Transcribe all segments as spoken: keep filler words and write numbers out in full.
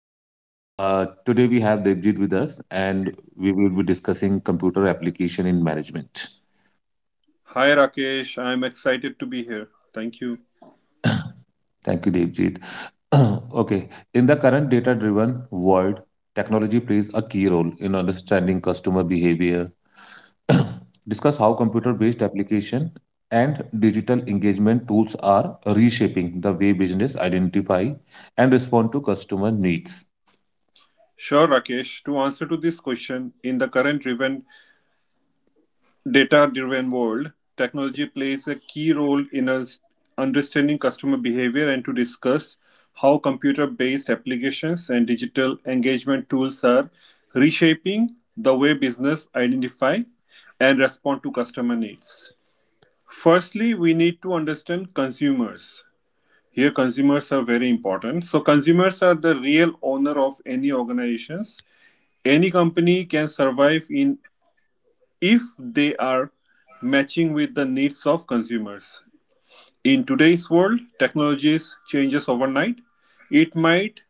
everyone. Uh, today we have Devjit with us, and we will be discussing computer application in management. Hi Rakesh, I am excited to be here. Thank you. Thank you, Devjit. okay, in the current data-driven world, technology plays a key role in understanding customer behavior. Discuss how computer-based application and digital engagement tools are reshaping the way business identify and respond to customer needs. Sure, Rakesh. To answer to this question, in the current driven data-driven world, technology plays a key role in us understanding customer behavior, and to discuss how computer-based applications and digital engagement tools are reshaping the way business identify and respond to customer needs. Firstly, we need to understand consumers. Here, consumers are very important. So, consumers are the real owner of any organizations. Any company can survive in if they are matching with the needs of consumers. In today's world, technologies changes overnight. It might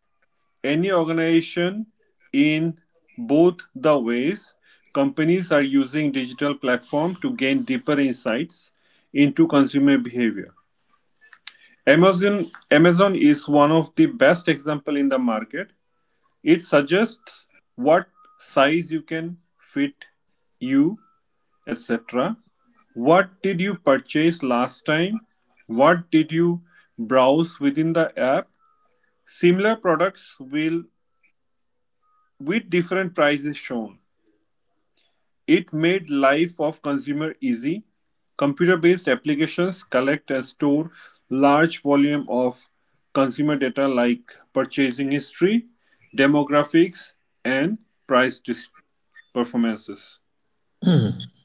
any organization in both the ways. Companies are using digital platform to gain deeper insights into consumer behavior. Amazon Amazon is one of the best example in the market. It suggests what size you can fit you, et cetera. What did you purchase last time? What did you browse within the app? Similar products will with different prices shown. It made life of consumer easy; computer-based applications collect and store large volume of consumer data like purchasing history, demographics, and price dis- performances.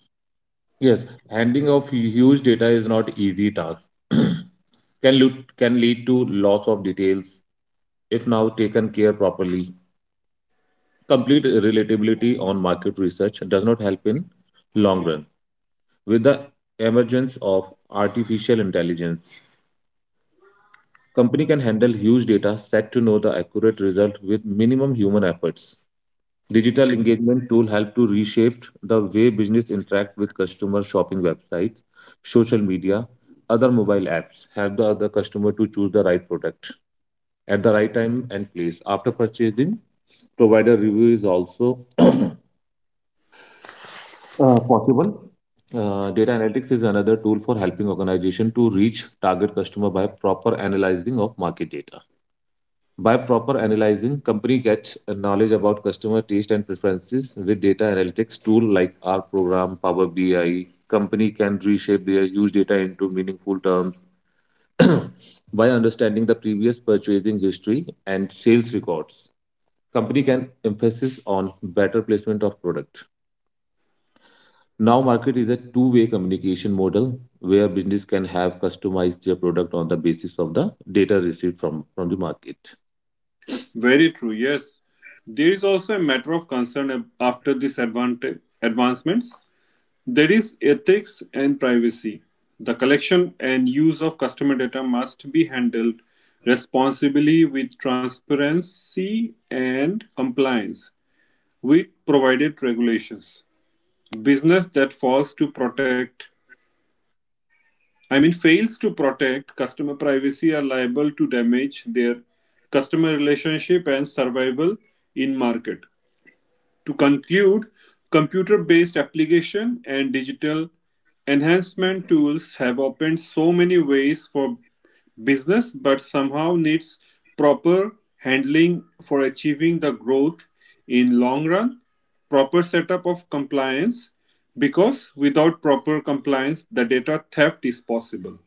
Yes, handling of huge data is not easy task. Can lead, can lead to loss of details if now taken care properly. Complete relatability on market research does not help in long run. With the emergence of artificial intelligence, company can handle huge data set to know the accurate result with minimum human efforts. Digital engagement tool help to reshape the way business interact with customer shopping websites, social media, other mobile apps help the other customer to choose the right product at the right time and place. After purchasing, provider review is also uh, possible. Uh, data analytics is another tool for helping organization to reach target customer by proper analyzing of market data. By proper analyzing, company gets knowledge about customer taste and preferences with data analytics tool like R program, Power B I. Company can reshape their use data into meaningful terms by understanding the previous purchasing history and sales records. Company can emphasis on better placement of product. Now market is a two-way communication model where business can have customized their product on the basis of the data received from, from the market. Very true, yes. There is also a matter of concern ab- after these advanta- advancements. There is ethics and privacy. The collection and use of customer data must be handled responsibly with transparency and compliance with provided regulations. Business that fails to protect, I mean, Fails to protect customer privacy are liable to damage their customer relationship and survival in market. To conclude, computer-based application and digital enhancement tools have opened so many ways for business but somehow needs proper handling for achieving the growth in long run, proper setup of compliance, because without proper compliance the data theft is possible.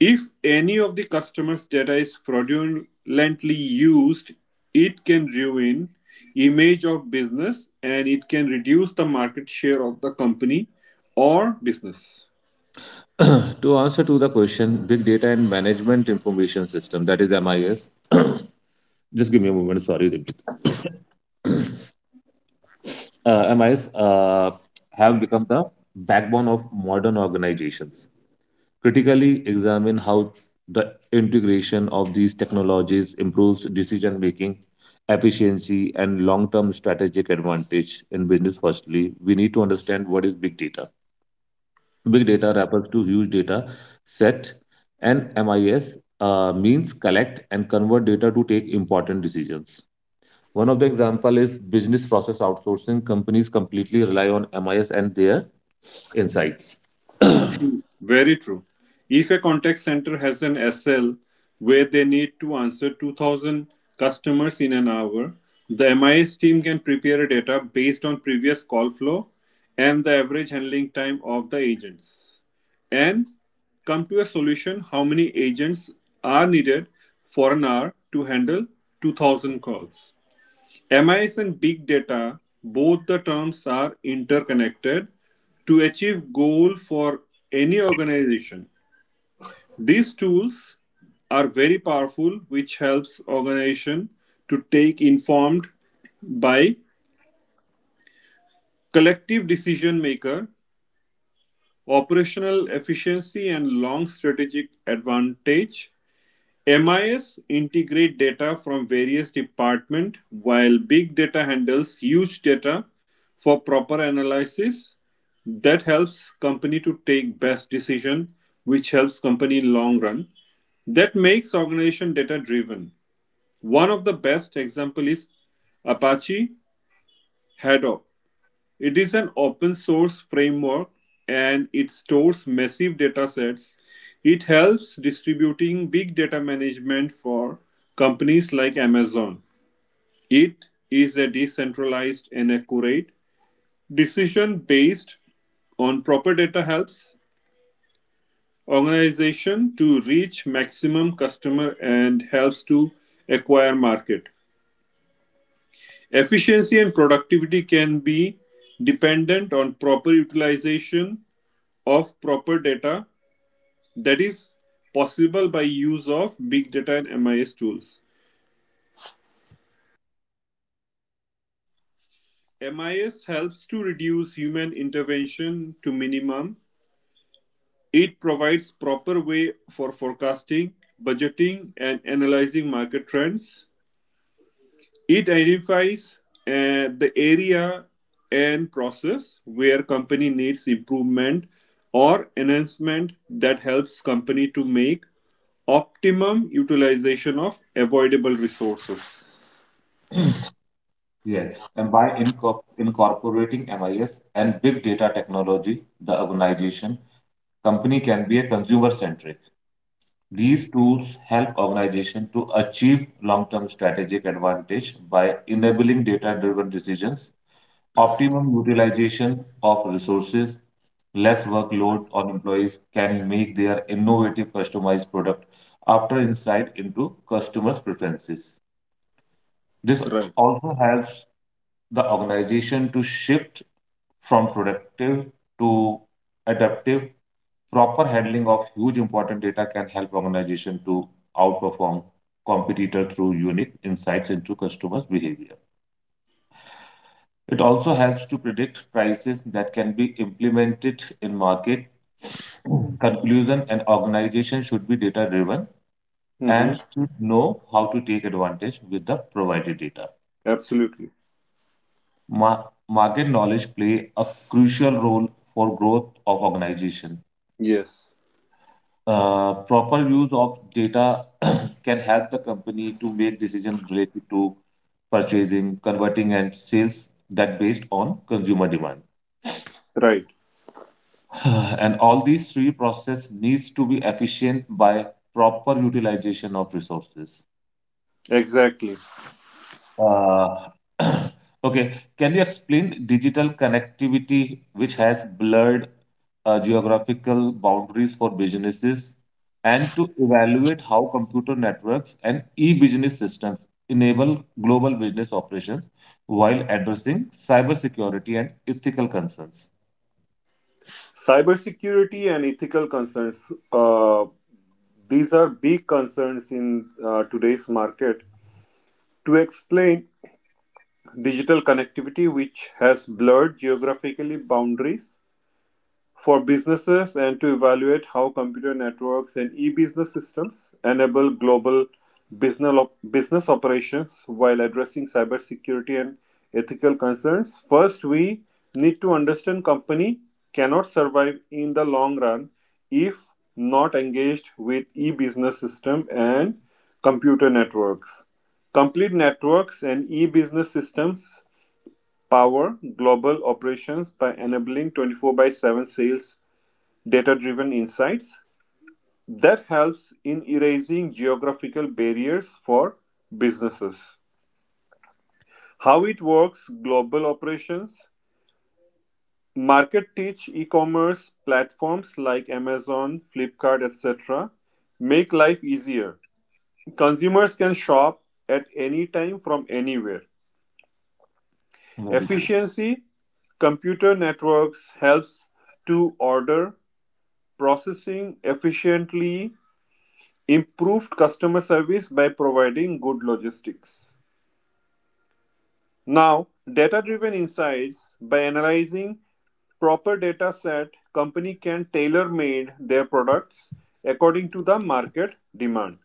If any of the customer's data is fraudulently used, it can ruin image of business and it can reduce the market share of the company or business. To answer to the question, big data and management information system, that is M I S. Just give me a moment. Sorry, Dipti. uh, M I S uh, have become the backbone of modern organizations. Critically examine how the integration of these technologies improves decision making, efficiency, and long-term strategic advantage in business. Firstly, we need to understand what is big data. Big data refers to huge data sets, and M I S uh, means collect and convert data to take important decisions. One of the example is business process outsourcing. Companies completely rely on M I S and their insights. Very true. If a contact center has an S L where they need to answer two thousand customers in an hour, the M I S team can prepare a data based on previous call flow and the average handling time of the agents, and come to a solution how many agents are needed for an hour to handle two thousand calls. M I S and big data, both the terms are interconnected to achieve goal for any organization. These tools are very powerful which helps organization to take informed by collective decision maker, operational efficiency and long strategic advantage. M I S integrate data from various departments while big data handles huge data for proper analysis that helps company to take best decision which helps company in long run that makes organization data driven. One of the best example is Apache Hadoop. It is an open source framework and it stores massive datasets. It helps distributing big data management for companies like Amazon. It is a decentralized and accurate decision based on proper data helps organization to reach maximum customer and helps to acquire market. Efficiency and productivity can be dependent on proper utilization of proper data, that is possible by use of big data and M I S tools. M I S helps to reduce human intervention to minimum. It provides proper way for forecasting, budgeting and analyzing market trends. It identifies uh, the area and process where company needs improvement or enhancement, that helps company to make optimum utilization of avoidable resources. Yes, and by incorp- incorporating M I S and big data technology, the organization company can be a consumer centric. These tools help organization to achieve long-term strategic advantage by enabling data-driven decisions. Optimum utilization of resources, less workload on employees can make their innovative customized product after insight into customers' preferences. This Right. also helps the organization to shift from productive to adaptive. Proper handling of huge important data can help organization to outperform competitor through unique insights into customers' behavior. It also helps to predict prices that can be implemented in market. Conclusion an organization should be data driven and Mm-hmm. should know how to take advantage with the provided data. Absolutely. Ma- Market knowledge play a crucial role for growth of organization. Yes. Uh, proper use of data can help the company to make decisions related to purchasing, converting, and sales that based on consumer demand. Right. And all these three processes needs to be efficient by proper utilization of resources. Exactly. uh, okay can you explain digital connectivity which has blurred uh, geographical boundaries for businesses and to evaluate how computer networks and e-business systems enable global business operations while addressing cybersecurity and ethical concerns? Cybersecurity and ethical concerns. Uh, these are big concerns in uh, today's market. To explain digital connectivity, which has blurred geographically boundaries for businesses, and to evaluate how computer networks and e-business systems enable global business op- business operations while addressing cybersecurity and ethical concerns. First, we need to understand company cannot survive in the long run if not engaged with e-business system and computer networks. Complete networks and e-business systems power global operations by enabling twenty four by seven sales, data driven insights that helps in erasing geographical barriers for businesses. How it works: global operations, market teach e-commerce platforms like Amazon, Flipkart, etc. make life easier. Consumers can shop at any time from anywhere. Very good. Efficiency: computer networks helps to order processing efficiently, improved customer service by providing good logistics. Now, data driven insights by analyzing proper data set, company can tailor made their products according to the market demand.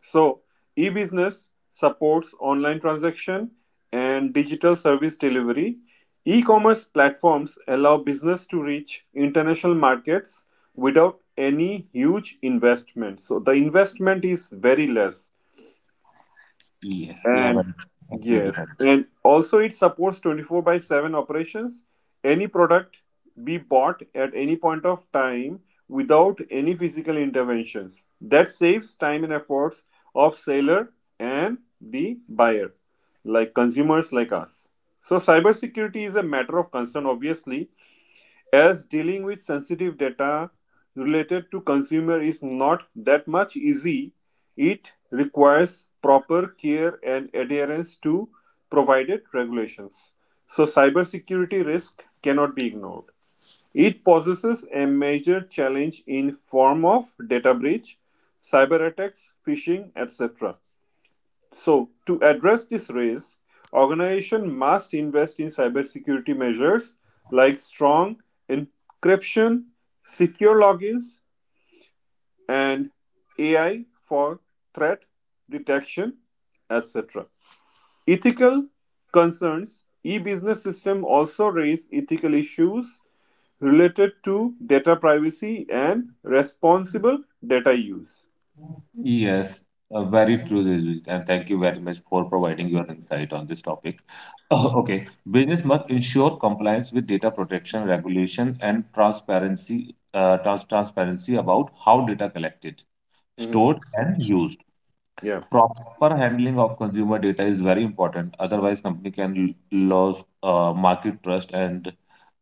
So e-business supports online transaction and digital service delivery. E-commerce platforms allow business to reach international markets without any huge investment, so the investment is very less. Yes, you are And right. Absolutely yes, right. and also it supports twenty four by seven operations. Any product be bought at any point of time without any physical interventions. That saves time and efforts of seller and the buyer, like consumers like us. So cybersecurity is a matter of concern obviously, as dealing with sensitive data related to consumer is not that much easy. It requires proper care and adherence to provided regulations. So cybersecurity risk cannot be ignored. It poses a major challenge in form of data breach, cyber attacks, phishing, etc. So, to address this risk, organization must invest in cybersecurity measures like strong encryption, secure logins, and A I for threat detection, et cetera. Ethical concerns. E-business system also raise ethical issues related to data privacy and responsible data use. Yes, uh, very true, Diljit, and thank you very much for providing your insight on this topic. okay, business must ensure compliance with data protection regulation and transparency, uh, trans transparency about how data collected, Mhm. stored, and used. Yeah, Proper handling of consumer data is very important. Otherwise, company can l- lose uh, market trust and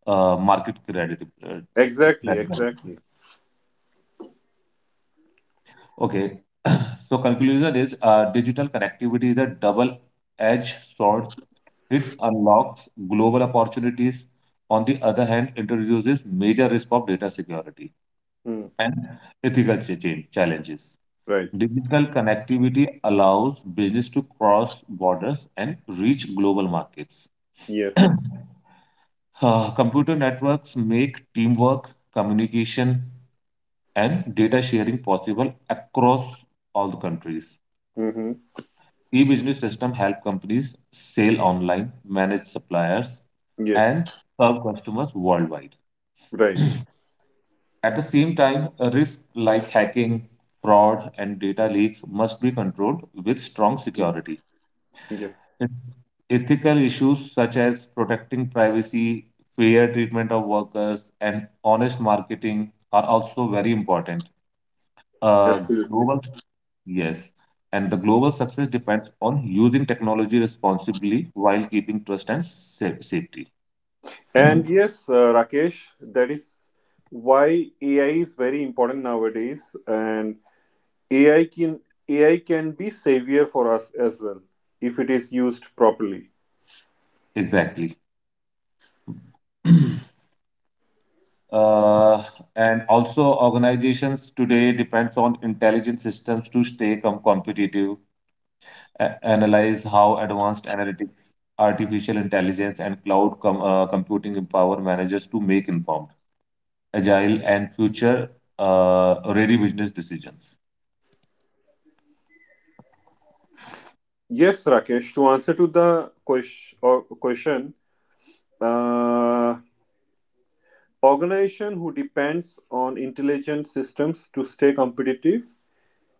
uh, market credibility. uh, exactly, Credibility. exactly. Okay, so conclusion is uh, digital connectivity is a double-edged sword. It unlocks global opportunities. On the other hand, introduces major risk of data security Mm. and ethical cha- challenges. Right. Digital connectivity allows business to cross borders and reach global markets. Yes. Uh, computer networks make teamwork, communication, and data sharing possible across all the countries. Mm-hmm. E-business system help companies sell online, manage suppliers, Yes, and serve customers worldwide. right. At the same time, risks like hacking, fraud, and data leaks must be controlled with strong Mm. security. Yes, Ethical issues such as protecting privacy, fair treatment of workers, and honest marketing are also very important. A absolutely. global yes, and the global success depends on using technology responsibly while keeping trust and sa- safety. And yes, uh, Rakesh, that is why A I is very important nowadays, and A I can A I can be savior for us as well if it is used properly. Exactly. Uh, and also, organizations today depends on intelligent systems to stay com- competitive, a- analyze how advanced analytics, artificial intelligence, and cloud com- uh, computing empower managers to make informed, agile, and future uh, ready business decisions. Yes, Rakesh. To answer to the question, or question, uh, organization who depends on intelligent systems to stay competitive.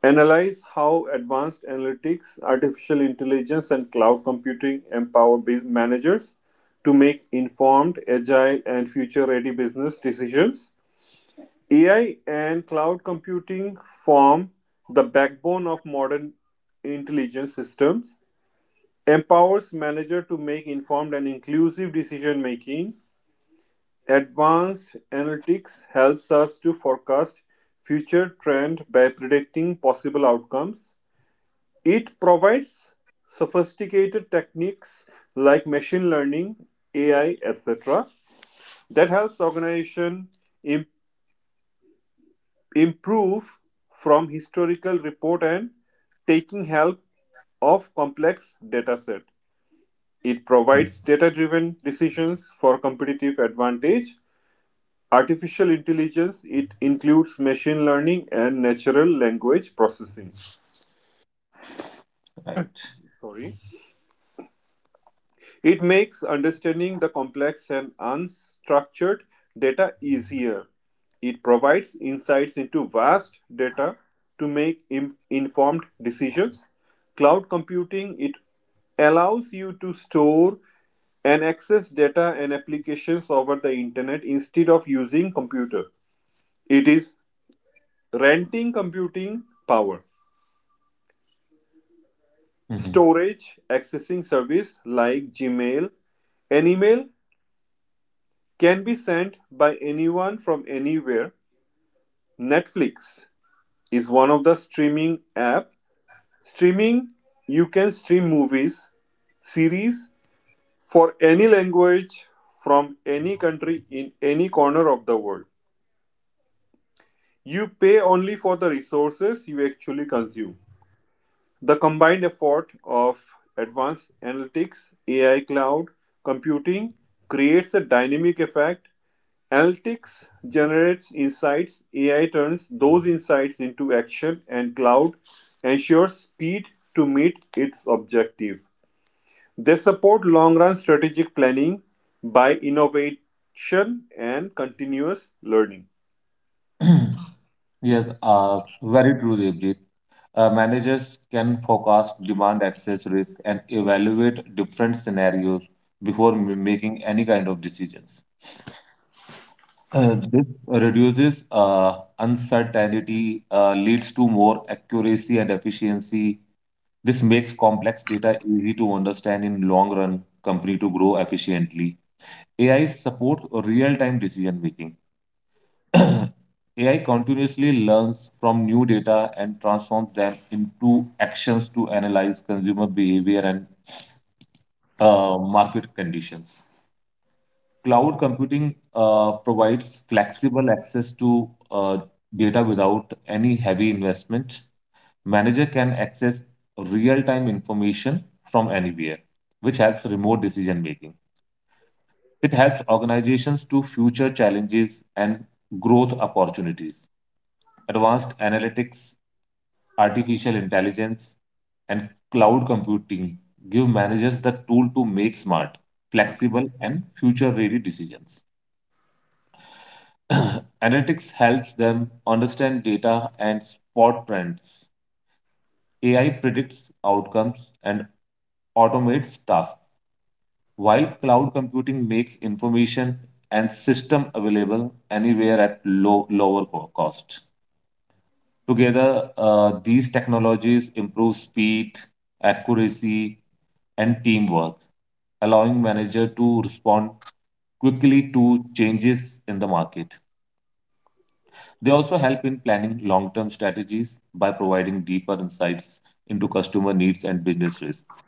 Analyze how advanced analytics, artificial intelligence, and cloud computing empower bu- managers to make informed, agile, and future ready business decisions. A I and cloud computing form the backbone of modern intelligence systems, empowers manager to make informed and inclusive decision making. Advanced analytics helps us to forecast future trend by predicting possible outcomes. It provides sophisticated techniques like machine learning, A I, et cetera, that helps organization im- improve from historical report and taking help of complex data set. It provides data-driven decisions for competitive advantage. Artificial intelligence, it includes machine learning and natural language processing. Right. Sorry. It makes understanding the complex and unstructured data easier. It provides insights into vast data to make im- informed decisions. Cloud computing, it allows you to store and access data and applications over the internet instead of using computer. It is renting computing power, Mhm. storage, accessing service like Gmail, and email can be sent by anyone from anywhere. Netflix is one of the streaming app. Streaming, you can stream movies, series, for any language from any country in any corner of the world. You pay only for the resources you actually consume. The combined effort of advanced analytics, A I, cloud computing creates a dynamic effect. Analytics generates insights, A I turns those insights into action, and cloud ensures speed to meet its objective. They support long run strategic planning by innovation and continuous learning. Yes, uh, very true, Devjit. Uh, managers can forecast demand access risk and evaluate different scenarios before m- making any kind of decisions. Uh, this reduces uh, uncertainty, uh, leads to more accuracy and efficiency. This makes complex data easy to understand in long run company to grow efficiently. A I supports real-time decision making. A I continuously learns from new data and transforms them into actions to analyze consumer behavior and uh, market conditions. Cloud computing uh, provides flexible access to uh, data without any heavy investment. Manager can access real-time information from anywhere, which helps remote decision making. It helps organizations to future challenges and growth opportunities. Advanced analytics artificial intelligence, and cloud computing give managers the tool to make smart, flexible, and future ready decisions. Analytics helps them understand data and spot trends. A I predicts outcomes and automates tasks, while cloud computing makes information and system available anywhere at low, lower co- cost. Together, uh, these technologies improve speed, accuracy, and teamwork, allowing manager to respond quickly to changes in the market. They also help in planning long-term strategies by providing deeper insights into customer needs and business risks.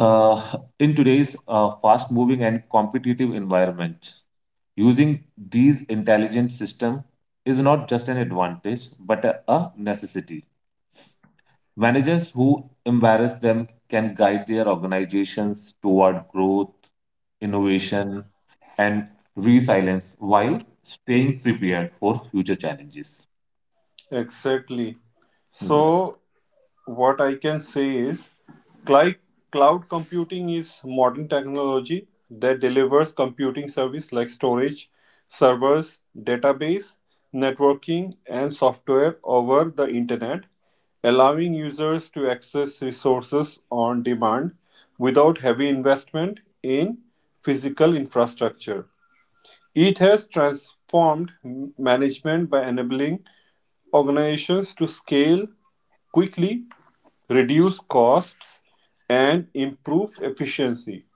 Uh, in today's uh, fast-moving and competitive environment, using these intelligent systems is not just an advantage but a a necessity. Managers who embrace them can guide their organizations toward growth, innovation, and resilience while staying prepared for future challenges. Exactly. Yeah. So what I can say is cli- cloud computing is modern technology that delivers computing service like storage, servers, database, networking, and software over the internet, allowing users to access resources on demand without heavy investment in physical infrastructure. It has transformed m- management by enabling organizations to scale quickly, reduce costs, and improve efficiency.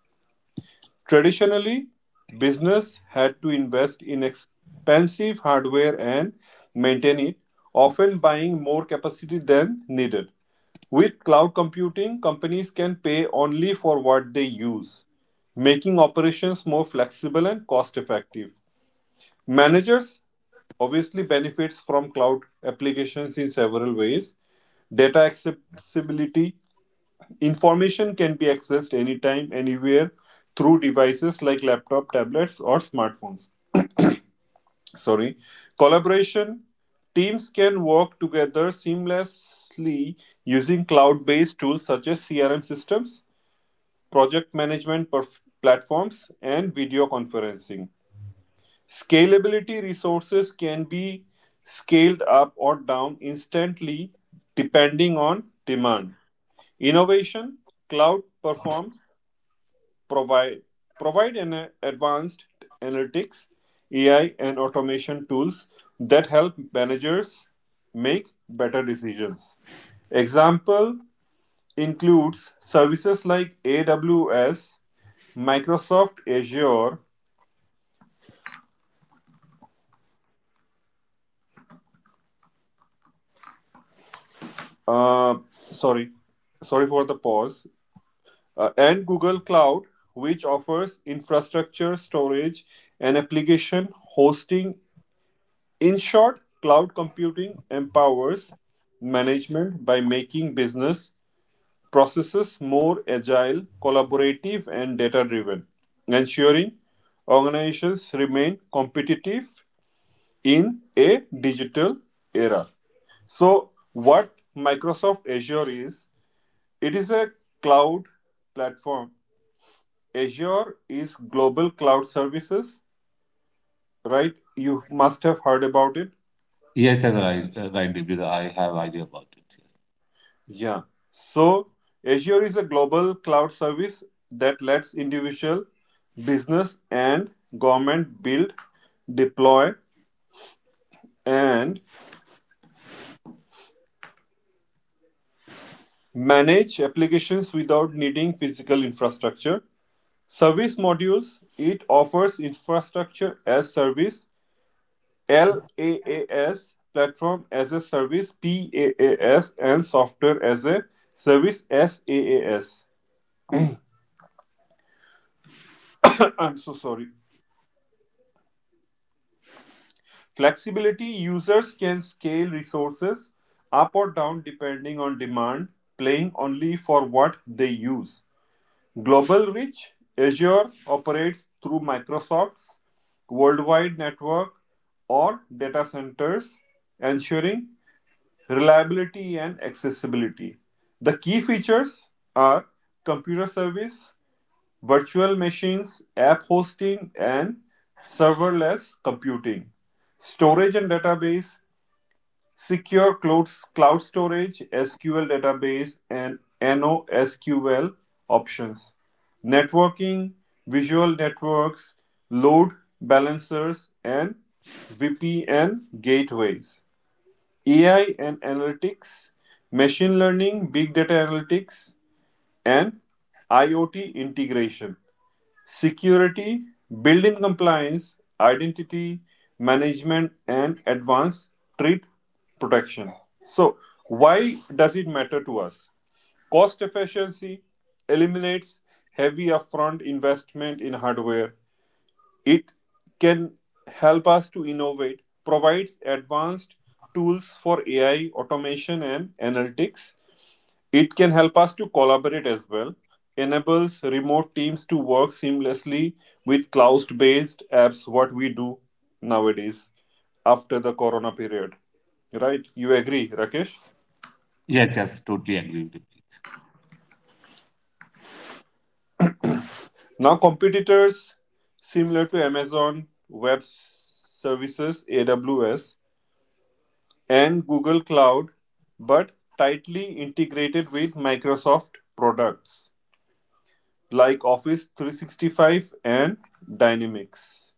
Traditionally, business had to invest in expensive hardware and maintain it, often buying more capacity than needed. With cloud computing, companies can pay only for what they use, making operations more flexible and cost effective. Managers obviously benefits from cloud applications in several ways. Data accessibility: information can be accessed anytime, anywhere through devices like laptop, tablets, or smartphones. Sorry. Collaboration: teams can work together seamlessly using cloud-based tools such as C R M systems, project management perf- platforms, and video conferencing. Scalability: resources can be scaled up or down instantly depending on demand. Innovation: cloud performs provide provide an uh, advanced analytics, A I, and automation tools that help managers make better decisions. Example includes services like A W S, Microsoft Azure, uh, sorry, sorry for the pause, uh, and Google Cloud, which offers infrastructure storage and application hosting. In short, cloud computing empowers management by making business processes more agile, collaborative, and data driven, ensuring organizations remain competitive in a digital era. So, what Microsoft Azure is, it is a cloud platform. Azure is global cloud services, right? You must have heard about it. Yes, yes, right, uh, right, Devjit. I have idea about it. Yeah. So Azure is a global cloud service that lets individual, business, and government build, deploy, and manage applications without needing physical infrastructure. Service modules: it offers infrastructure as service, LaaS, platform as a service, PaaS, and software as a service, SaaS. I'm so sorry. Flexibility: users can scale resources up or down depending on demand, paying only for what they use. Global reach: Azure operates through Microsoft's worldwide network or data centers, ensuring reliability and accessibility. The key features are computer service, virtual machines, app hosting, and serverless computing; storage and database, secure cloud, cloud storage, S Q L database, and NoSQL options; networking, visual networks, load balancers, and V P N gateways; A I and analytics, machine learning, big data analytics, and IoT integration; security, built-in compliance, identity management, and advanced threat protection. So, why does it matter to us? Cost efficiency eliminates heavy upfront investment in hardware. It can help us to innovate, provides advanced tools for A I, automation, and analytics. It can help us to collaborate as well, enables remote teams to work seamlessly with cloud-based apps, what we do nowadays after the corona period. Right? You agree, Rakesh? Yes, yes, yes, totally agree with you. Now, competitors similar to Amazon Web Services, A W S, and Google Cloud, but tightly integrated with Microsoft products like Office three sixty five and Dynamics.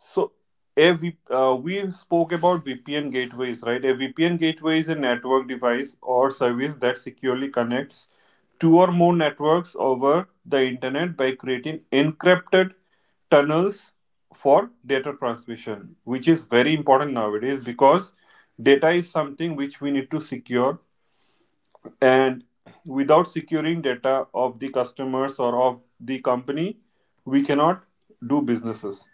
So a v, uh, we spoke about V P N gateways, right? A V P N gateway is a network device or service that securely connects two or more networks over the internet by creating encrypted tunnels for data transmission, which is very important nowadays because data is something which we need to secure, and without securing data of the customers or of the company we cannot do businesses.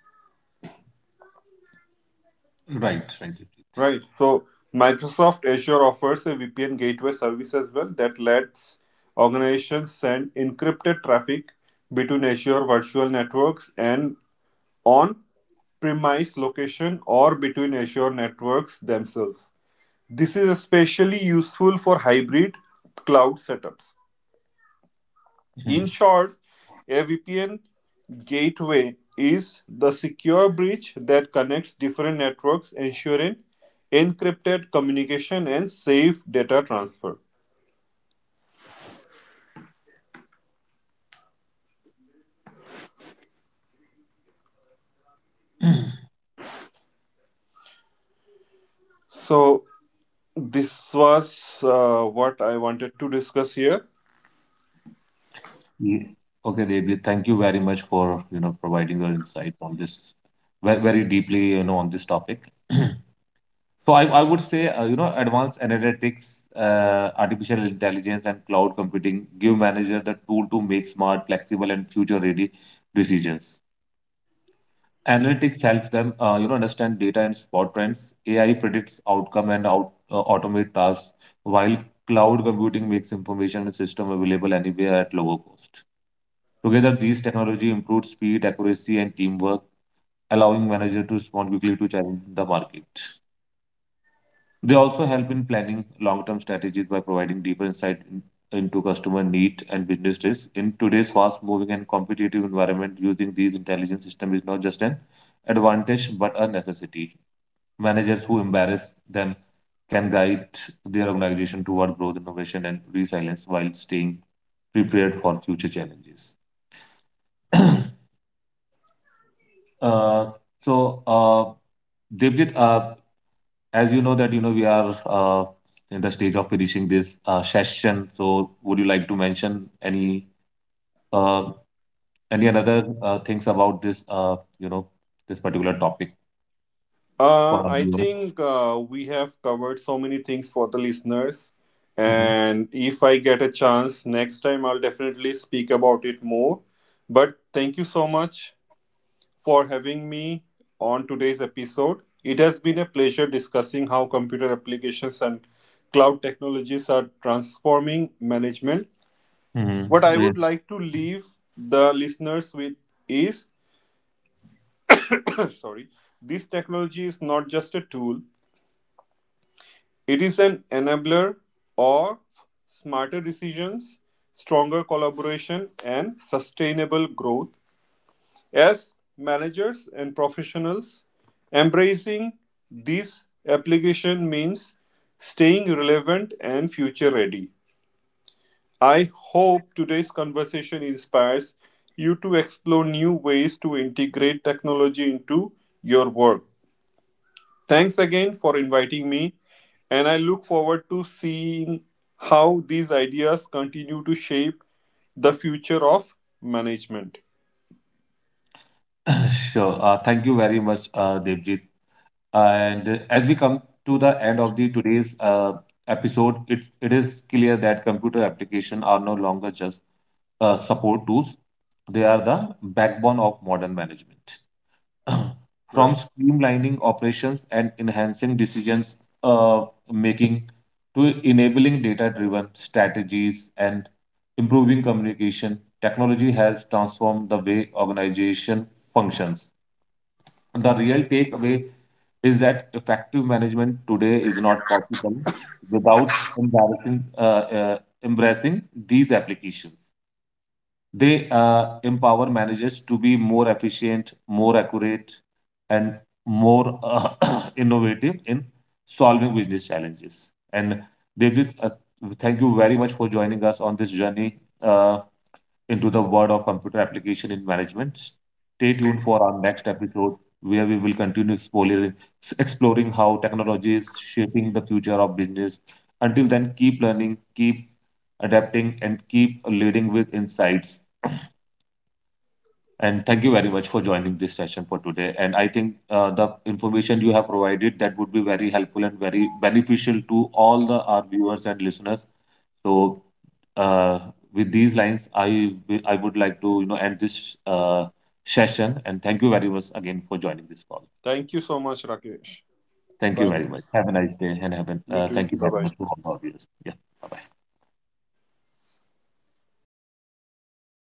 Right, right, Devjit. Right. So Microsoft Azure offers a V P N gateway service as well that lets organizations send encrypted traffic between Azure virtual networks and on premise location, or between Azure networks themselves. This is especially useful for hybrid cloud setups. In short, a V P N gateway is the secure bridge that connects different networks, ensuring encrypted communication and safe data transfer. Mhm. So, this was uh, what I wanted to discuss here. Ye- Okay, Devjit, thank you very much for you know providing your insight on this very, very deeply you know on this topic. So I, I would say, uh, you know, advanced analytics, uh, artificial intelligence, and cloud computing give manager the tool to make smart, flexible, and future-ready decisions. Analytics helps them, uh, you know, understand data and spot trends. A I predicts outcome and out, uh, automate tasks, while cloud computing makes information and system available anywhere at lower cost. Together, these technology improve speed, accuracy, and teamwork, allowing manager to respond quickly to challenge in the market. They also help in planning long-term strategies by providing deeper insight in- into customer needs and business risks. In today's fast-moving and competitive environment, using these intelligence systems is not just an advantage but a necessity. Managers who embrace them can guide their organization toward growth, innovation, and resilience while staying prepared for future challenges. Uh, so, uh, Devjit, uh, as you know that you know we are uh, in the stage of finishing this uh, session, so would you like to mention any uh, any another uh, things about this uh, you know this particular topic for Uh, our I viewers? think uh, we have covered so many things for the listeners. Mhm. And if I get a chance next time, I'll definitely speak about it more. But thank you so much for having me on today's episode. It has been a pleasure discussing how computer applications and cloud technologies are transforming management. Mhm. What I Yeah. would like to leave the listeners with is, sorry, this technology is not just a tool, it is an enabler of smarter decisions, stronger collaboration, and sustainable growth. As managers and professionals, embracing this application means staying relevant and future ready. I hope today's conversation inspires you to explore new ways to integrate technology into your work. Thanks again for inviting me, and I look forward to seeing how these ideas continue to shape the future of management. Sure. Uh, thank you very much, uh, Devjit. And uh, as we come to the end of the today's uh, episode, it it is clear that computer applications are no longer just uh, support tools; they are the backbone of modern management. From Right. streamlining operations and enhancing decisions uh, making to enabling data driven strategies and improving communication technology has transformed the way organization functions. The real takeaway is that effective management today is not possible without embarrassing uh, uh, embracing these applications. They uh, empower managers to be more efficient, more accurate, and more uh, innovative in solving business challenges. And Devjit, uh, thank you very much for joining us on this journey uh, into the world of computer application in management. Stay tuned for our next episode where we will continue exploring, exploring how technology is shaping the future of business. Until then, keep learning, keep adapting, and keep leading with insights. And thank you very much for joining this session for today. And I think uh, the information you have provided that would be very helpful and very beneficial to all the our viewers and listeners. So uh, with these lines, I will, I would like to you know end this uh, session. And thank you very much again for joining this call. Thank you so much, Rakesh. Thank you Bye. very much. Have a nice day and have an, You uh, too. thank you Bye very bye. much for all the viewers. Yeah. Bye bye.